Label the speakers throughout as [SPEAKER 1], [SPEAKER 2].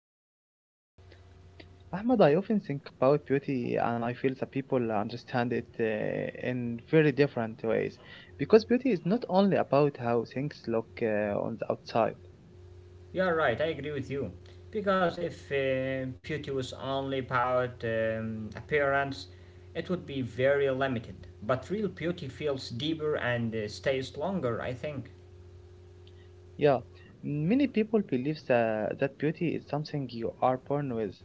[SPEAKER 1] thank you.
[SPEAKER 2] Ahmed, I often think about beauty and I feel that people understand it in very different ways because beauty is not only about how things look on the outside.
[SPEAKER 1] You are right, I agree with you. Because if beauty was only about appearance, it would be very limited. But real beauty feels deeper and stays longer, I think.
[SPEAKER 2] Yeah, many people believe that beauty is something you are born with,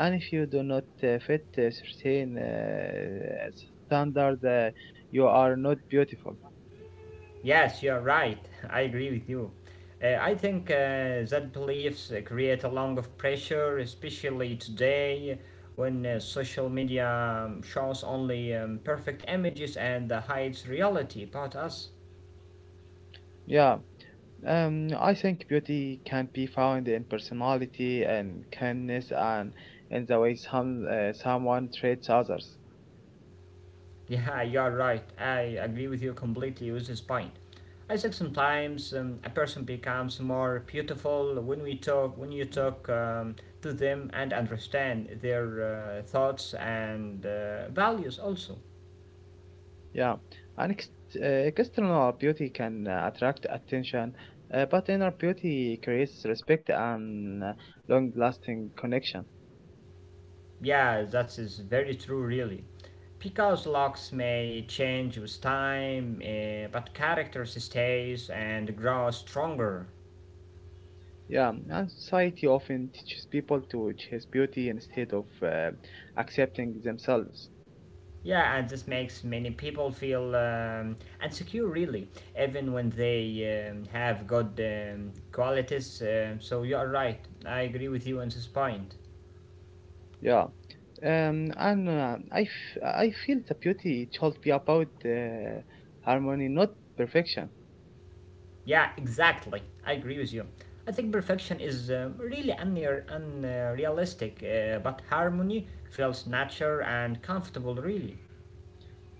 [SPEAKER 2] and if you do not fit a certain standard, you are not beautiful.
[SPEAKER 1] Yes, you are right, I agree with you. I think that beliefs create a lot of pressure, especially today when social media shows only perfect images and hides reality about us.
[SPEAKER 2] Yeah. I think beauty can be found in personality and kindness and in the way someone treats others.
[SPEAKER 1] Yeah, you're right. I agree with you completely with this point. I think sometimes a person becomes more beautiful when you talk to them and understand their thoughts and values also.
[SPEAKER 2] Yeah, and external beauty can attract attention, but inner beauty creates respect and long-lasting connection.
[SPEAKER 1] Yeah, that is very true, really. Because looks may change with time, but character stays and grows stronger.
[SPEAKER 2] Yeah, and society often teaches people to chase beauty instead of accepting themselves.
[SPEAKER 1] Yeah, and this makes many people feel insecure, really, even when they have good qualities. So you are right. I agree with you on this point.
[SPEAKER 2] Yeah. I feel the beauty should be about harmony, not perfection.
[SPEAKER 1] Yeah, exactly. I agree with you. I think perfection is really unrealistic, but harmony feels natural and comfortable, really.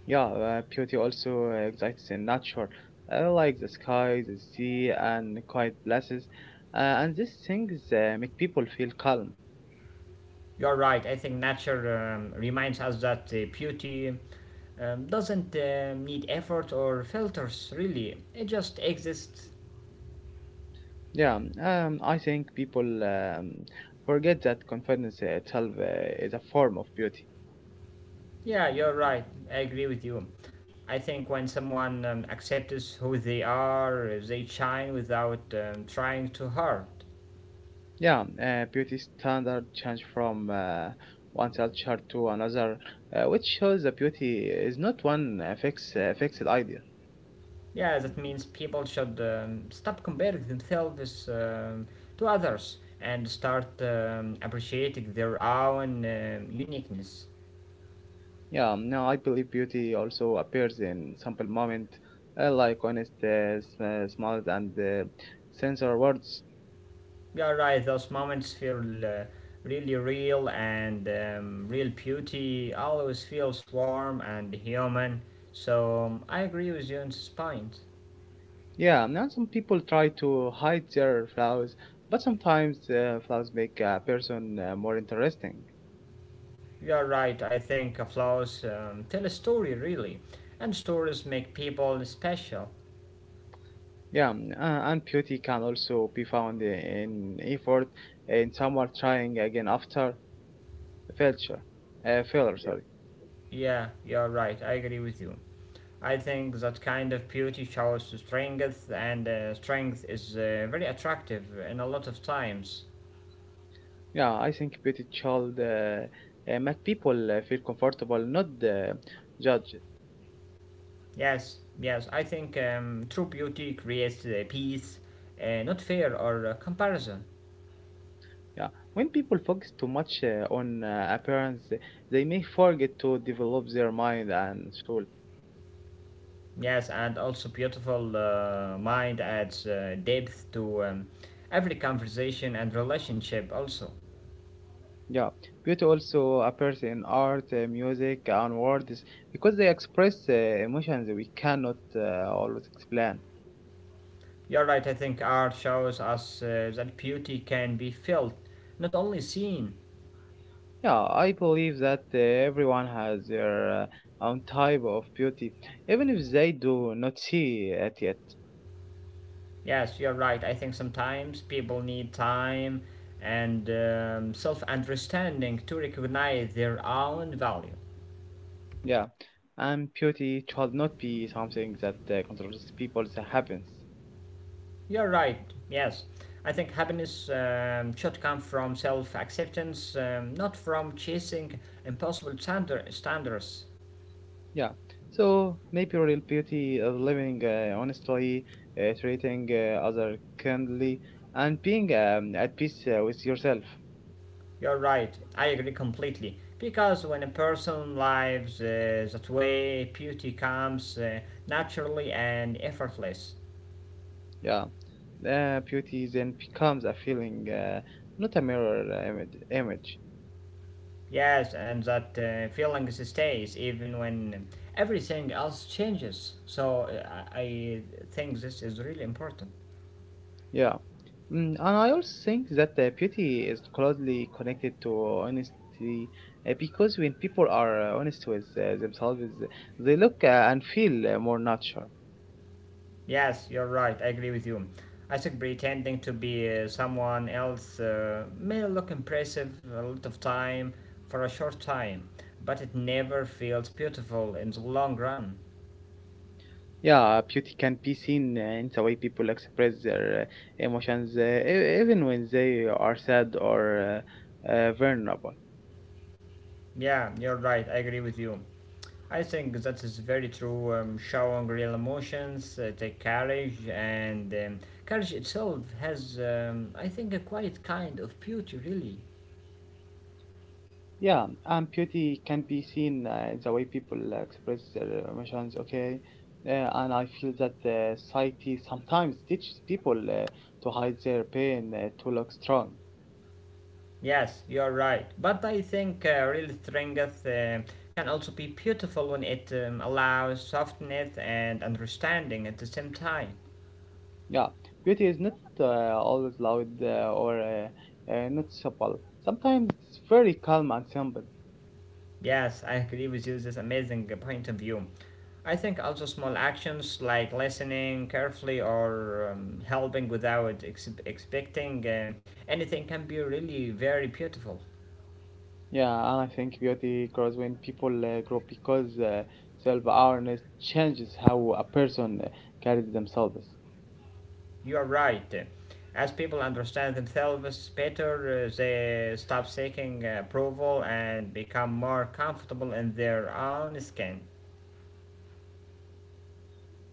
[SPEAKER 2] Yeah, beauty also exists in nature, like the sky, the sea, and quiet places. And these things make people feel calm.
[SPEAKER 1] You're right. I think nature reminds us that beauty doesn't need effort or filters, really. It just exists.
[SPEAKER 2] Yeah, I think people forget that confidence itself is a form of beauty.
[SPEAKER 1] Yeah, you're right. I agree with you. I think when someone accepts who they are, they shine without trying too hard.
[SPEAKER 2] Yeah, beauty standard change from one culture to another, which shows that beauty is not one fixed idea.
[SPEAKER 1] Yeah, that means people should stop comparing themselves to others and start appreciating their own uniqueness.
[SPEAKER 2] Yeah, now I believe beauty also appears in simple moment, like honest smiles and sincere words.
[SPEAKER 1] You're right, those moments feel uh, really real, and real beauty always feels warm and human. So I agree with you on this point.
[SPEAKER 2] Yeah, now some people try to hide their flaws, but sometimes flaws make a person more interesting.
[SPEAKER 1] You're right, I think flaws tell a story, really, and stories make people special.
[SPEAKER 2] Yeah, and beauty can also be found in effort in someone trying again after failure. Failure, sorry.
[SPEAKER 1] Yeah, you're right, I agree with you. I think that kind of beauty shows strength, and strength is very attractive in a lot of times.
[SPEAKER 2] Yeah, I think beauty child make people feel comfortable, not judged.
[SPEAKER 1] Yes, I think true beauty creates peace, not fear or comparison.
[SPEAKER 2] Yeah, when people focus too much on appearance, they may forget to develop their mind and soul.
[SPEAKER 1] Yes, and also beautiful mind adds depth to every conversation and relationship also.
[SPEAKER 2] Yeah, beauty also appears in art, music, and words because they express emotions we cannot always explain.
[SPEAKER 1] You're right, I think art shows us that beauty can be felt, not only seen.
[SPEAKER 2] Yeah, I believe that everyone has their own type of beauty, even if they do not see it yet.
[SPEAKER 1] Yes, you're right. I think sometimes people need time and self understanding to recognize their own value.
[SPEAKER 2] Yeah, and beauty should not be something that controls people's happiness.
[SPEAKER 1] You're right, yes. I think happiness should come from self acceptance, not from chasing impossible standards.
[SPEAKER 2] Yeah, so maybe real beauty is living honestly, treating other kindly, and being at peace with yourself.
[SPEAKER 1] You're right, I agree completely. Because when a person lives that way, beauty comes naturally and effortless.
[SPEAKER 2] Yeah, beauty then becomes a feeling, not a mirror image.
[SPEAKER 1] Yes, and that feeling stays even when everything else changes. So I think this is really important.
[SPEAKER 2] Yeah. And I also think that beauty is closely connected to honesty because when people are honest with themselves, they look and feel more natural.
[SPEAKER 1] Yes, you're right. I agree with you. I think pretending to be someone else may look impressive a lot of time for a short time, but it never feels beautiful in the long run.
[SPEAKER 2] Yeah, beauty can be seen in the way people express their emotions, even when they are sad or vulnerable.
[SPEAKER 1] Yeah, you're right. I agree with you. I think that is very true. Showing real emotions take courage, and courage itself has, I think, a quiet kind of beauty, really.
[SPEAKER 2] Yeah, and beauty can be seen in the way people express their emotions, okay? And I feel that society sometimes teaches people to hide their pain, to look strong.
[SPEAKER 1] Yes, you're right. But I think real strength can also be beautiful when it allows softness and understanding at the same time.
[SPEAKER 2] Yeah, beauty is not always loud or noticeable. Sometimes it's very calm and simple.
[SPEAKER 1] Yes, I agree with you. This amazing point of view. I think also small actions like listening carefully or helping without expecting anything can be really very beautiful.
[SPEAKER 2] Yeah, and I think beauty grows when people grow because self-awareness changes how a person carries themselves.
[SPEAKER 1] You are right. As people understand themselves better, they stop seeking approval and become more comfortable in their own skin.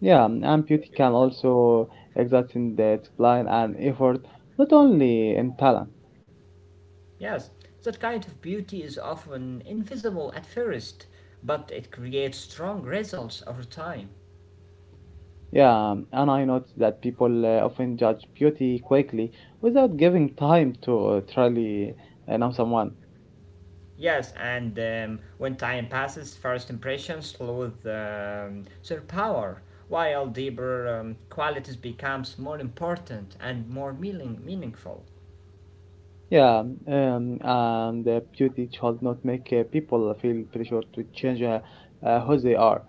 [SPEAKER 2] Yeah, and beauty can also exist in the discipline and effort, not only in talent.
[SPEAKER 1] Yes, that kind of beauty is often invisible at first, but it creates strong results over time.
[SPEAKER 2] Yeah, and I noticed that people often judge beauty quickly without giving time to truly know someone.
[SPEAKER 1] Yes, and when time passes, first impressions lose their power, while deeper qualities becomes more important and more meaningful.
[SPEAKER 2] Yeah, and beauty should not make people feel pressure to change who they are.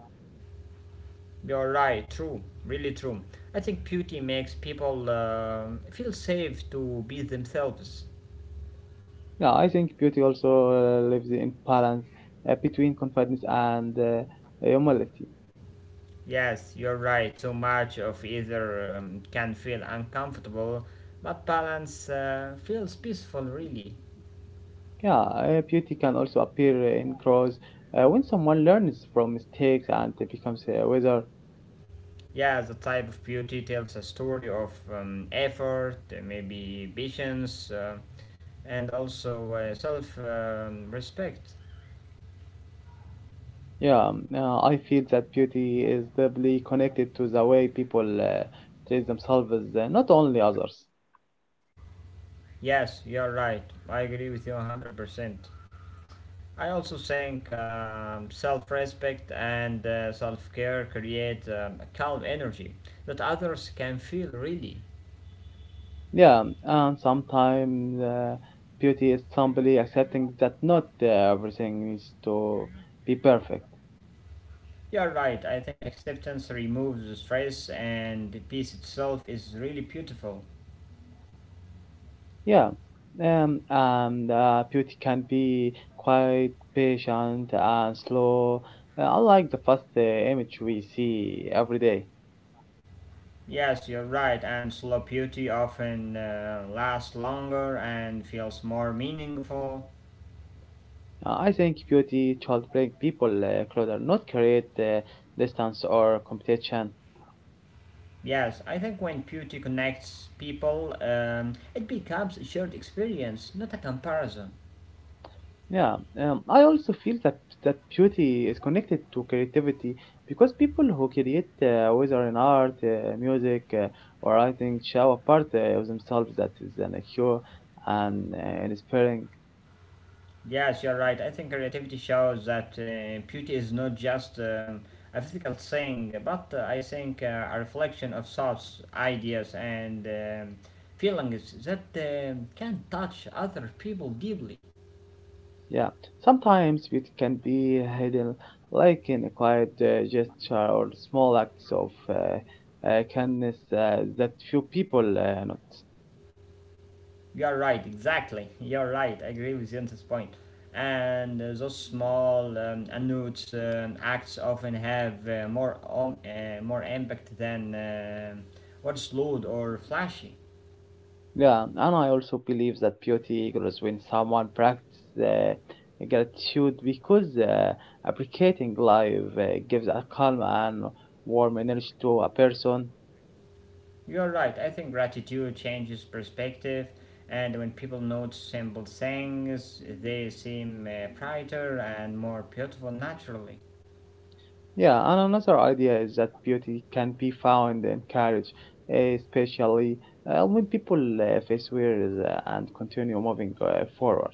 [SPEAKER 1] You're right, true, really true. I think beauty makes people feel safe to be themselves.
[SPEAKER 2] Yeah, I think beauty also lives in balance between confidence and humility.
[SPEAKER 1] Yes, you're right, too much of either can feel uncomfortable, but balance feels peaceful, really.
[SPEAKER 2] Yeah, beauty can also appear in crows when someone learns from mistakes and it becomes a wizard.
[SPEAKER 1] Yeah, the type of beauty tells a story of effort, maybe patience, and also self respect.
[SPEAKER 2] Yeah, I feel that beauty is deeply connected to the way people treat themselves, not only others.
[SPEAKER 1] Yes, you're right. I agree with you 100%. I also think self respect and self care create a calm energy that others can feel, really.
[SPEAKER 2] Yeah, and sometimes beauty is simply accepting that not everything needs to be perfect.
[SPEAKER 1] You're right, I think acceptance removes the stress and the peace itself is really beautiful.
[SPEAKER 2] Yeah, the beauty can be quite patient and slow, unlike the fast image we see every day.
[SPEAKER 1] Yes, you're right, and slow beauty often lasts longer and feels more meaningful.
[SPEAKER 2] I think beauty should bring people closer, not create distance or competition.
[SPEAKER 1] Yes, I think when beauty connects people, it becomes a shared experience, not a comparison.
[SPEAKER 2] Yeah, I also feel that beauty is connected to creativity because people who create, whether in art, music, or writing, show a part of themselves that is pure and inspiring.
[SPEAKER 1] Yes, you're right. I think creativity shows that beauty is not just a physical thing, but I think a reflection of thoughts, ideas, and feelings that can touch other people deeply.
[SPEAKER 2] Yeah, sometimes it can be hidden, like in a quiet gesture or small acts of kindness that few people notice.
[SPEAKER 1] You're right, exactly. You're right. I agree with you on this point. And those small acts often have uh, more impact than um what's loud or flashy.
[SPEAKER 2] Yeah, and I also believe that beauty grows when someone practices uh, gratitude because appreciating life uh, gives a calm and warm energy to a person.
[SPEAKER 1] You're right. I think gratitude changes perspective, and when people note simple things, they seem brighter and more beautiful naturally.
[SPEAKER 2] Yeah, and another idea is that beauty can be found in courage, especially when people face fears and continue moving forward.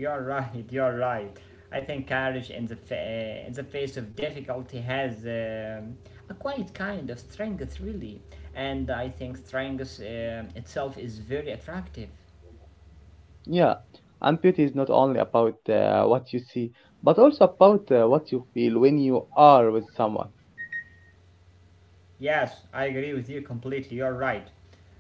[SPEAKER 1] You're right. You're right. I think courage in the in the face of difficulty has a quiet kind of strength, really, and I think strength itself is very attractive.
[SPEAKER 2] Yeah, and beauty is not only about what you see, but also about what you feel when you are with someone.
[SPEAKER 1] Yes, I agree with you completely. You're right.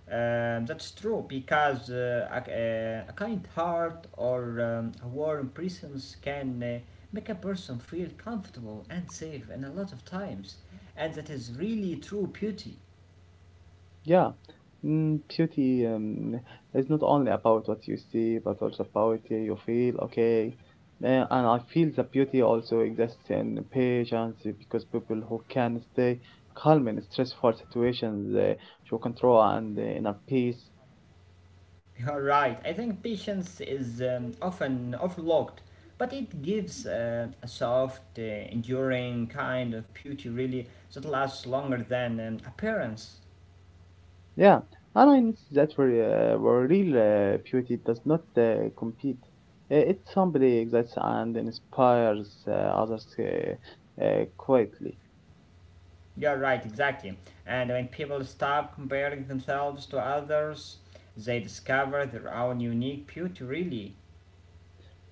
[SPEAKER 1] That's true because a kind heart or a warm presence can make a person feel comfortable and safe in a lot of times, and that is really true beauty.
[SPEAKER 2] Yeah, beauty is not only about what you see, but also about you feel. Okay. And I feel the beauty also exists in patience because people who can stay calm in stressful situations show control and inner peace.
[SPEAKER 1] You're right. I think patience is often overlooked, but it gives a soft, enduring kind of beauty, really, that lasts longer than appearance.
[SPEAKER 2] Yeah, and I notice that where real beauty does not compete. It simply exists and inspires others quietly.
[SPEAKER 1] You're right, exactly. And when people stop comparing themselves to others, they discover their own unique beauty, really.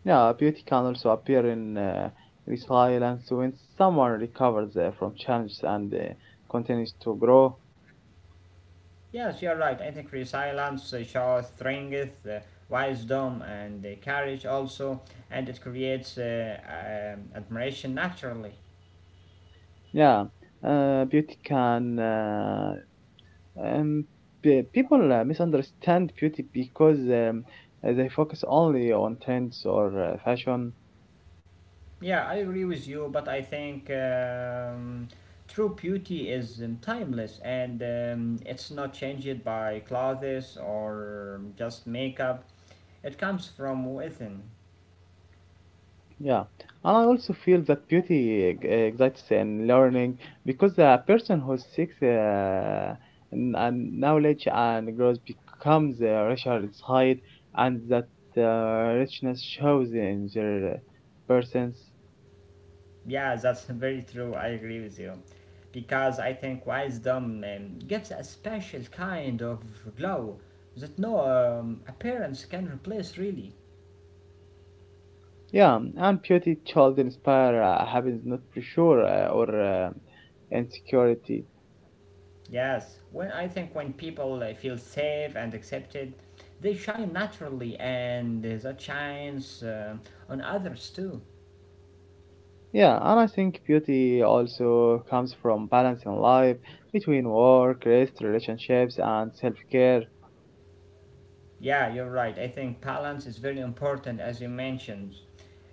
[SPEAKER 2] Yeah, beauty can also appear in resilience when someone recovers from challenges and continues to grow.
[SPEAKER 1] Yes, you're right. I think resilience shows strength, wisdom, and courage also, and it creates admiration naturally.
[SPEAKER 2] Yeah, uh, beauty can. Uh, um, people misunderstand beauty because they focus only on trends or fashion.
[SPEAKER 1] Yeah, I agree with you, but I think true beauty is timeless and it's not changed by clothes or just makeup. It comes from within.
[SPEAKER 2] Yeah, and I also feel that excites in learning because a person who seeks and knowledge and grows becomes richer inside, and that richness shows in their persons.
[SPEAKER 1] Yeah, that's very true. I agree with you. Because I think wisdom gives a special kind of glow that no appearance can replace, really.
[SPEAKER 2] Yeah, and beauty child inspire happens not pressure or insecurity.
[SPEAKER 1] Yes, when I think when people feel safe and accepted, they shine naturally, and that shines on others too.
[SPEAKER 2] Yeah, and I think beauty also comes from balance in life between work, rest, relationships, and self care.
[SPEAKER 1] Yeah, you're right. I think balance is very important, as you mentioned.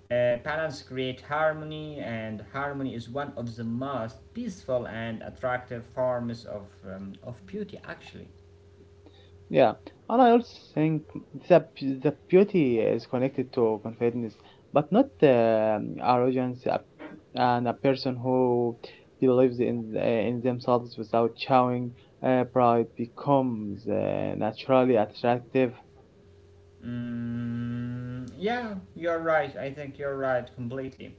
[SPEAKER 1] Balance creates harmony, and harmony is one of the most peaceful and attractive forms of beauty, actually.
[SPEAKER 2] Yeah, and I also think the beauty is connected to confidence, but not arrogance. And a person who believes in themselves without showing pride becomes naturally attractive.
[SPEAKER 1] Mm, yeah, you're right. I think you're right completely.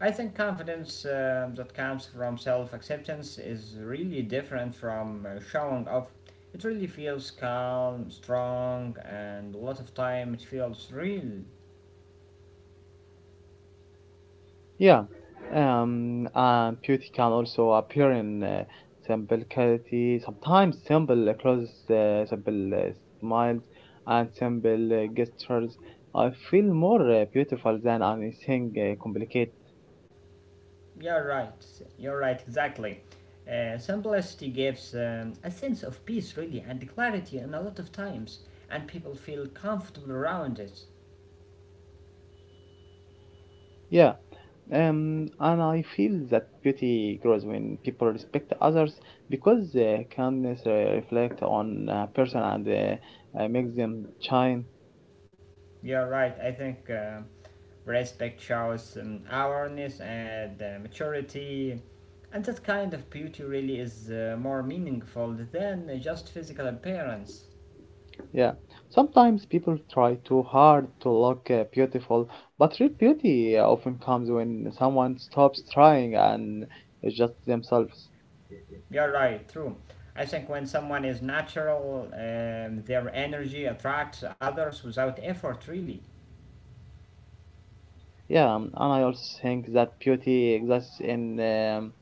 [SPEAKER 1] I think confidence that comes from self acceptance is really different from showing off. It really feels calm, strong, and a lot of time it feels real.
[SPEAKER 2] Yeah, beauty can also appear in simplicity, sometimes simple clothes, simple smiles, and simple gestures. I feel more beautiful than anything complicated.
[SPEAKER 1] You're right. You're right, exactly. Simplicity gives a sense of peace, really, and clarity in a lot of times, and people feel comfortable around it.
[SPEAKER 2] Yeah, and I feel that beauty grows when people respect others because kindness reflect on a person and makes them shine.
[SPEAKER 1] You're right. I think. Respect shows awareness and maturity. And that kind of beauty really is more meaningful than just physical appearance.
[SPEAKER 2] Yeah, sometimes people try too hard to look beautiful, but real beauty often comes when someone stops trying and is just themselves.
[SPEAKER 1] You're right, true. I think when someone is natural, their energy attracts others without effort, really.
[SPEAKER 2] Yeah, and I also think that beauty exists in um,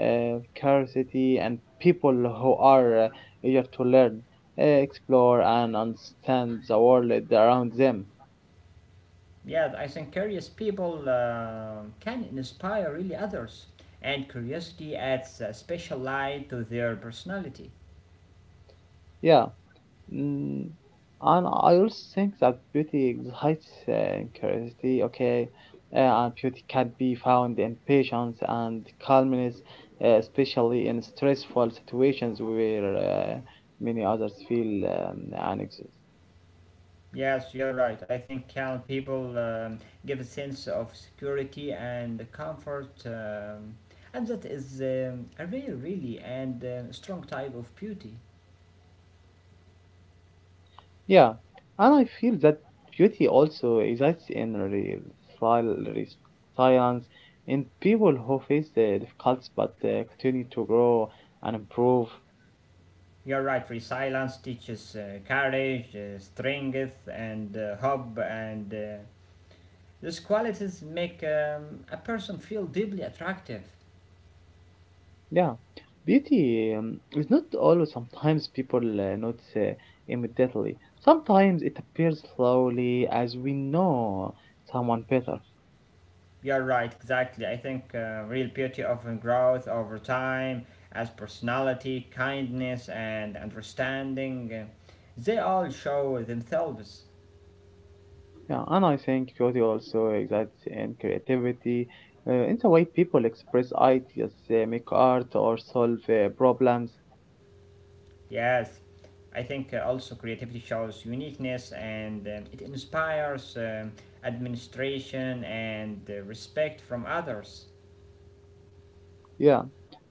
[SPEAKER 2] uh, curiosity and people who are eager to learn, explore, and understand the world around them.
[SPEAKER 1] Yeah, I think curious people can inspire really others, and curiosity adds a special light to their personality.
[SPEAKER 2] Yeah. Mm, and I also think that beauty excites curiosity, okay. And beauty can be found in patience and calmness, especially in stressful situations where many others feel anxious.
[SPEAKER 1] Yes, you're right. I think calm people give a sense of security and comfort, and that is a real, really, and strong type of beauty.
[SPEAKER 2] Yeah, and I feel that beauty also exists in real trial, res- silence, in people who face difficulties but continue to grow and improve.
[SPEAKER 1] You're right. Resilience teaches courage, strength, and hope, and these qualities make a person feel deeply attractive.
[SPEAKER 2] Yeah, beauty is not always sometimes people notice immediately. Sometimes it appears slowly as we know someone better.
[SPEAKER 1] You're right, exactly. I think real beauty often grows over time as personality, kindness, and understanding. They all show themselves.
[SPEAKER 2] Yeah, and I think beauty also exists in creativity, in the way people express ideas, make art, or solve problems.
[SPEAKER 1] Yes. I think also creativity shows uniqueness and it inspires administration and respect from others.
[SPEAKER 2] Yeah.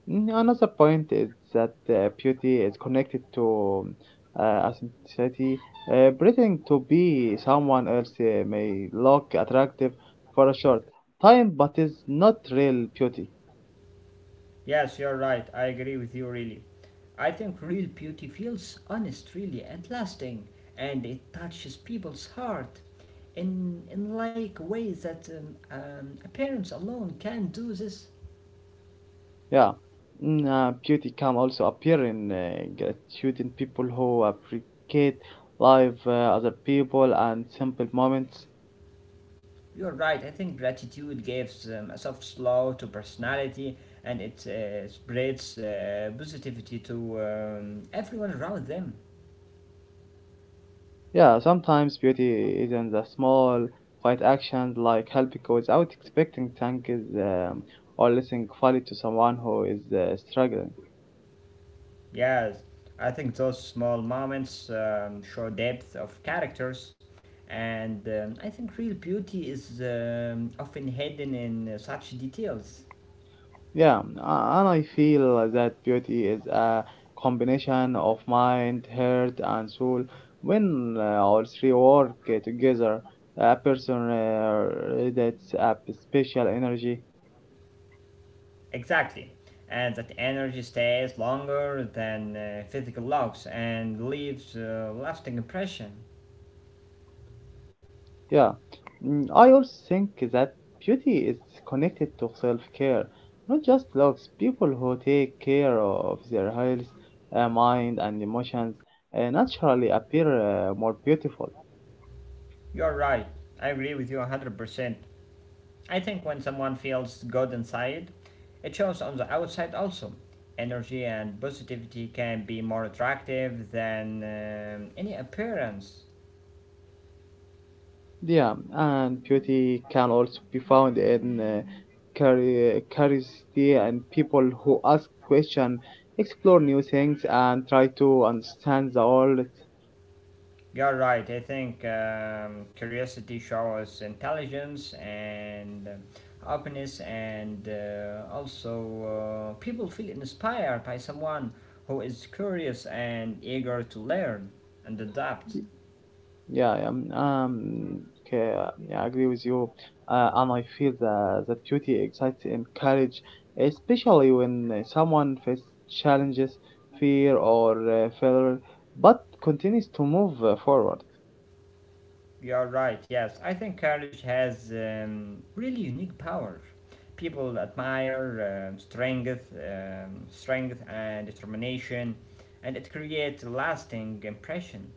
[SPEAKER 2] Another point is that beauty is connected to authenticity. Pretending to be someone else may look attractive for a short time, but is not real beauty.
[SPEAKER 1] Yes, you're right. I agree with you, really. I think real beauty feels honest, really, and lasting, and it touches people's heart in like ways that appearance alone can do this.
[SPEAKER 2] Yeah. Beauty can also appear in gratitude in people who appreciate life, other people, and simple moments.
[SPEAKER 1] You're right. I think gratitude gives a soft slow to personality, and it spreads positivity to everyone around them.
[SPEAKER 2] Yeah, sometimes beauty is in the small, quiet actions like helping without expecting thanks um, or listening fully to someone who is struggling.
[SPEAKER 1] Yes, I think those small moments show depth of characters, and I think real beauty is often hidden in such details.
[SPEAKER 2] Yeah, and I feel that beauty is a combination of mind, heart, and soul. When all three work together, a person radiates a special energy.
[SPEAKER 1] Exactly, and that energy stays longer than physical logs and leaves a lasting impression.
[SPEAKER 2] Yeah. I also think that beauty is connected to self care, not just looks. People who take care of their health, mind, and emotions naturally appear more beautiful.
[SPEAKER 1] You're right. I agree with you 100%. I think when someone feels good inside, it shows on the outside also. Energy and positivity can be more attractive than any appearance.
[SPEAKER 2] Yeah, and beauty can also be found in curiosity and people who ask questions, explore new things, and try to understand the world.
[SPEAKER 1] You're right, I think curiosity shows intelligence and openness, and also people feel inspired by someone who is curious and eager to learn and adapt.
[SPEAKER 2] Yeah, okay, yeah, I agree with you, and I feel that the beauty excites and courage, especially when someone faces challenges, fear, or failure, but continues to move forward.
[SPEAKER 1] You're right, yes. I think courage has really unique power. People admire strength, strength and determination, and it creates a lasting impression.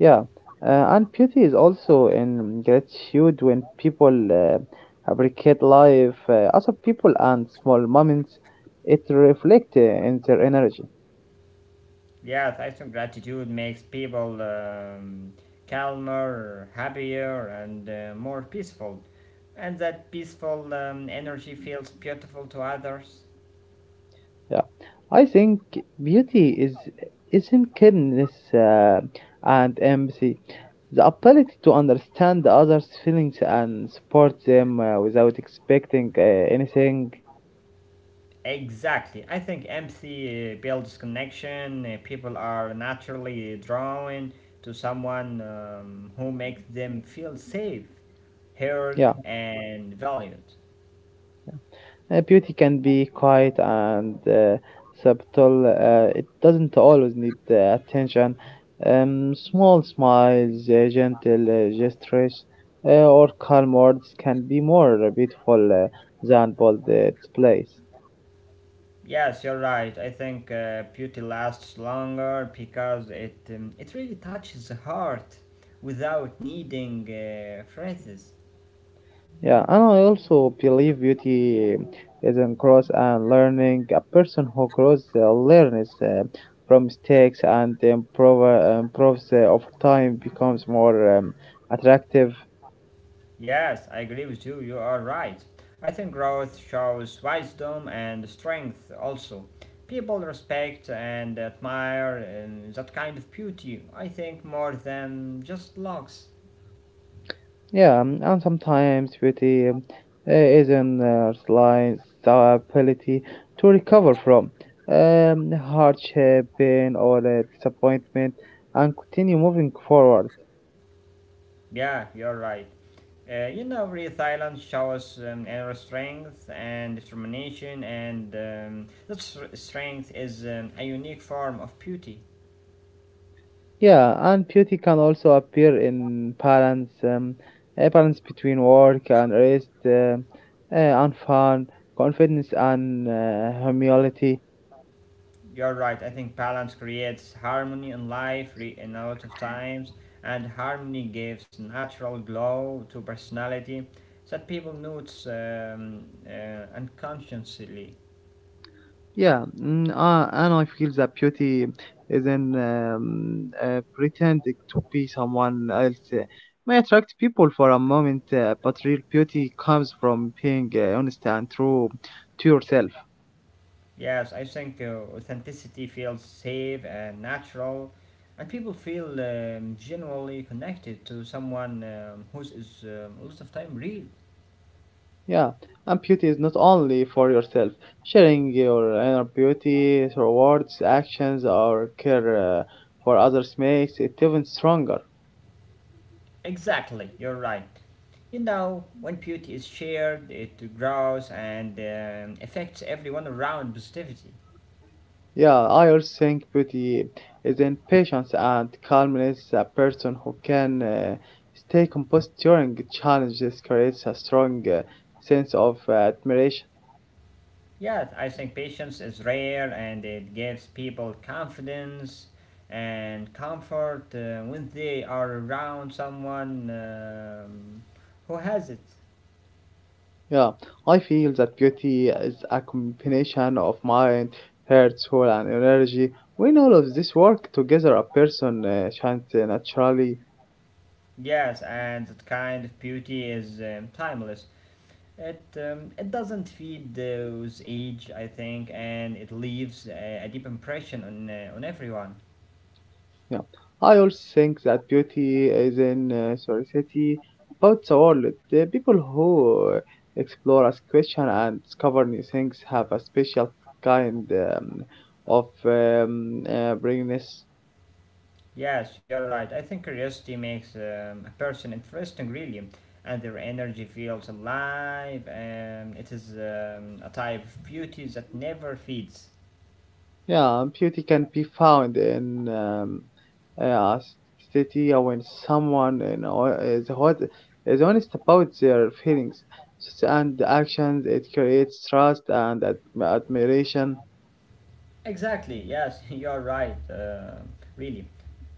[SPEAKER 2] Yeah, and beauty is also in gratitude when people appreciate life, other people, and small moments. It reflects in their energy.
[SPEAKER 1] Yes, I think gratitude makes people calmer, happier, and more peaceful. And that peaceful energy feels beautiful to others.
[SPEAKER 2] Yeah, I think beauty is in kindness and empathy, the ability to understand the others' feelings and support them without expecting anything.
[SPEAKER 1] Exactly. I think empathy builds connection. People are naturally drawn to someone who makes them feel safe, heard,
[SPEAKER 2] Yeah.
[SPEAKER 1] and valued.
[SPEAKER 2] Beauty can be quiet and subtle. It doesn't always need attention. Small smiles, gentle gestures, or calm words can be more beautiful than bold displays.
[SPEAKER 1] Yes, you're right. I think beauty lasts longer because it really touches the heart without needing phrases.
[SPEAKER 2] Yeah, and I also believe beauty is in growth and learning. A person who grows, learns from mistakes and improves over time becomes more attractive.
[SPEAKER 1] Yes, I agree with you. You are right. I think growth shows wisdom and strength also. People respect and admire that kind of beauty, I think, more than just looks.
[SPEAKER 2] Yeah, and sometimes beauty, is in lines, the ability to recover from hardship, pain, or disappointment and continue moving forward.
[SPEAKER 1] Yeah, you're right. You know, real Thailand shows inner strength and determination, and strength is a unique form of beauty.
[SPEAKER 2] Yeah, and beauty can also appear in balance, a balance between work and rest, and fun, confidence and humility.
[SPEAKER 1] You're right. I think balance creates harmony in life in a lot of times, and harmony gives natural glow to personality that people notice unconsciously.
[SPEAKER 2] Yeah, and I feel that beauty isn't, pretending to be someone else may attract people for a moment, but real beauty comes from being honest and true to yourself.
[SPEAKER 1] Yes, I think authenticity feels safe and natural, and people feel genuinely connected to someone who is a lot of time real.
[SPEAKER 2] Yeah, and beauty is not only for yourself. Sharing your inner beauty through words, actions, or care for others makes it even stronger.
[SPEAKER 1] Exactly, you're right. You know, when beauty is shared, it grows and affects everyone around positivity.
[SPEAKER 2] Yeah, I also think beauty is in patience and calmness. A person who can stay composed during challenges creates a strong sense of admiration.
[SPEAKER 1] Yes, I think patience is rare and it gives people confidence and comfort when they are around someone who has it.
[SPEAKER 2] Yeah, I feel that beauty is a combination of mind, heart, soul, and energy. When all of this work together, a person shines naturally.
[SPEAKER 1] Yes, and that kind of beauty is timeless. It doesn't feed those age, I think, and it leaves a deep impression on everyone.
[SPEAKER 2] Yeah, I also think that beauty is in society about the world. The people who explore, ask question, and discover new things have a special kind of brilliance.
[SPEAKER 1] Yes, you're right. I think curiosity makes a person interesting, really, and their energy feels alive. And it is a type of beauty that never feeds.
[SPEAKER 2] Yeah, beauty can be found in, uh, city when someone you know is hot is honest about their feelings and actions. It creates trust and admiration.
[SPEAKER 1] Exactly, yes, you're right, really.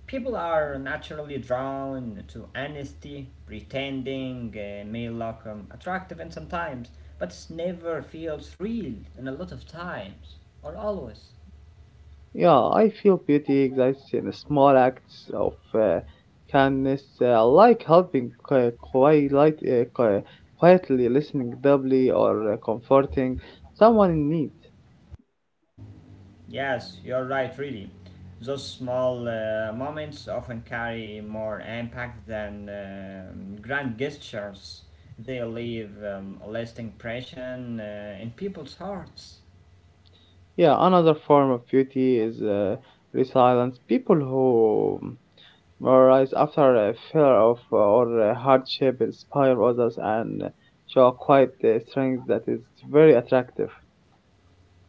[SPEAKER 1] People are naturally drawn to honesty, pretending may look attractive and sometimes, but it never feels real in a lot of times, or always.
[SPEAKER 2] Yeah, I feel beauty exists in small acts of kindness, like helping quietly, listening doubly, or comforting someone in need.
[SPEAKER 1] Yes, you're right, really. Those small moments often carry more impact than grand gestures. They leave a lasting impression in people's hearts.
[SPEAKER 2] Yeah, another form of beauty is resilience. People who rise after a fear of, or hardship inspire others and show quite a strength that is very attractive.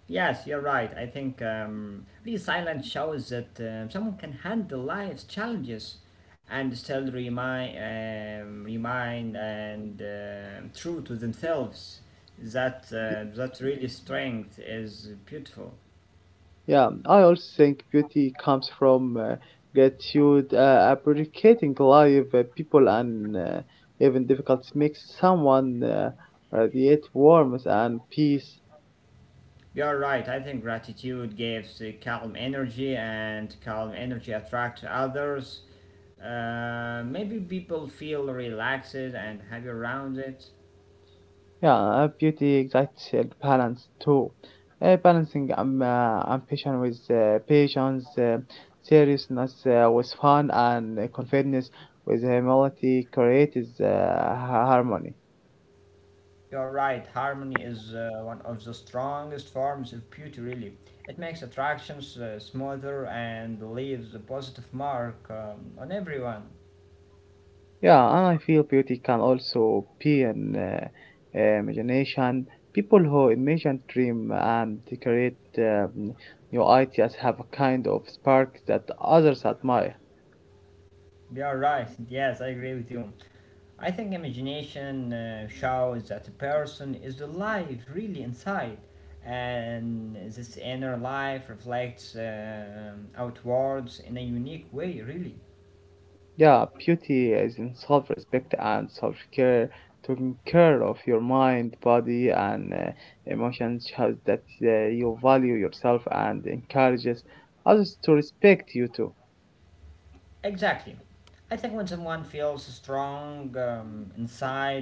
[SPEAKER 1] Yes, you're right. I think resilience shows that someone can handle life's challenges and still remind and true to themselves. That really strength is beautiful.
[SPEAKER 2] Yeah, I also think beauty comes from gratitude, appreciating life, people, and even difficulties makes someone radiate warmth and peace.
[SPEAKER 1] You're right. I think gratitude gives calm energy, and calm energy attracts others. Maybe people feel relaxed and happy around it.
[SPEAKER 2] Yeah, beauty exacts balance too. Balancing, ambition with patience, seriousness with fun, and confidence with humility creates harmony.
[SPEAKER 1] You're right, harmony is one of the strongest forms of beauty, really. It makes attractions smoother and leaves a positive mark on everyone.
[SPEAKER 2] Yeah, and I feel beauty can also be in, imagination. People who imagine, dream, and they create new ideas have a kind of spark that others admire.
[SPEAKER 1] You're right, yes, I agree with you. I think imagination shows that a person is alive, really inside, and this inner life reflects outwards in a unique way, really.
[SPEAKER 2] Yeah, beauty is in self respect and self care. Taking care of your mind, body, and emotions shows that you value yourself and encourages others to respect you too.
[SPEAKER 1] Exactly. I think when someone feels strong inside,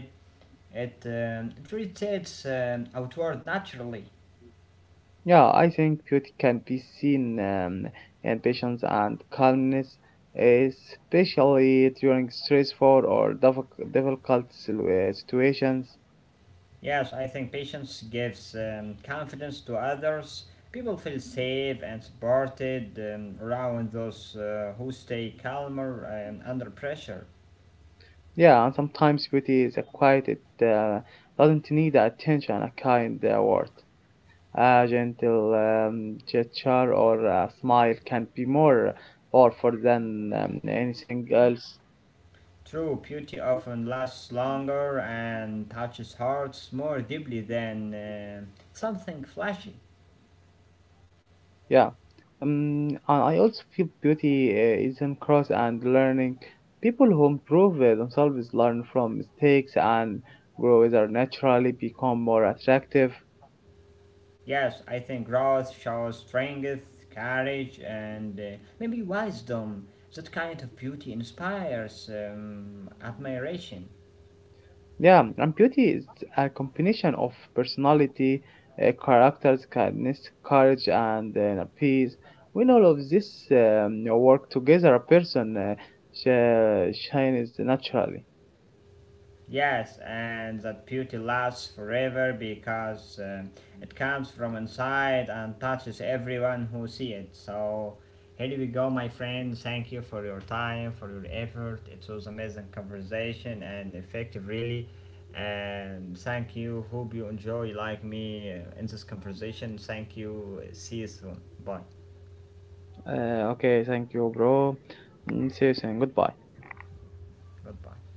[SPEAKER 1] it rotates outward naturally.
[SPEAKER 2] Yeah, I think beauty can be seen in patience and calmness, especially during stressful or difficult situations.
[SPEAKER 1] Yes, I think patience gives confidence to others. People feel safe and supported around those who stay calmer and under pressure.
[SPEAKER 2] Yeah, and sometimes beauty is a quiet, it doesn't need attention, a kind word. A gentle gesture or a smile can be more powerful than anything else.
[SPEAKER 1] True beauty often lasts longer and touches hearts more deeply than something flashy.
[SPEAKER 2] Yeah. And I also feel beauty is in cross and learning. People who improve themselves, learn from mistakes, and grow either naturally become more attractive.
[SPEAKER 1] Yes, I think growth shows strength, courage, and maybe wisdom. That kind of beauty inspires admiration.
[SPEAKER 2] Yeah, and beauty is a combination of personality, characters, kindness, courage, and peace. When all of this work together, a person shines naturally.
[SPEAKER 1] Yes, and that beauty lasts forever because it comes from inside and touches everyone who see it. So here we go, my friends. Thank you for your time, for your effort. It was amazing conversation and effective, really. And thank you. Hope you enjoy like me in this conversation. Thank you. See you soon. Bye.
[SPEAKER 2] Okay, thank you, bro. Mm, see you soon. Goodbye.
[SPEAKER 1] Goodbye.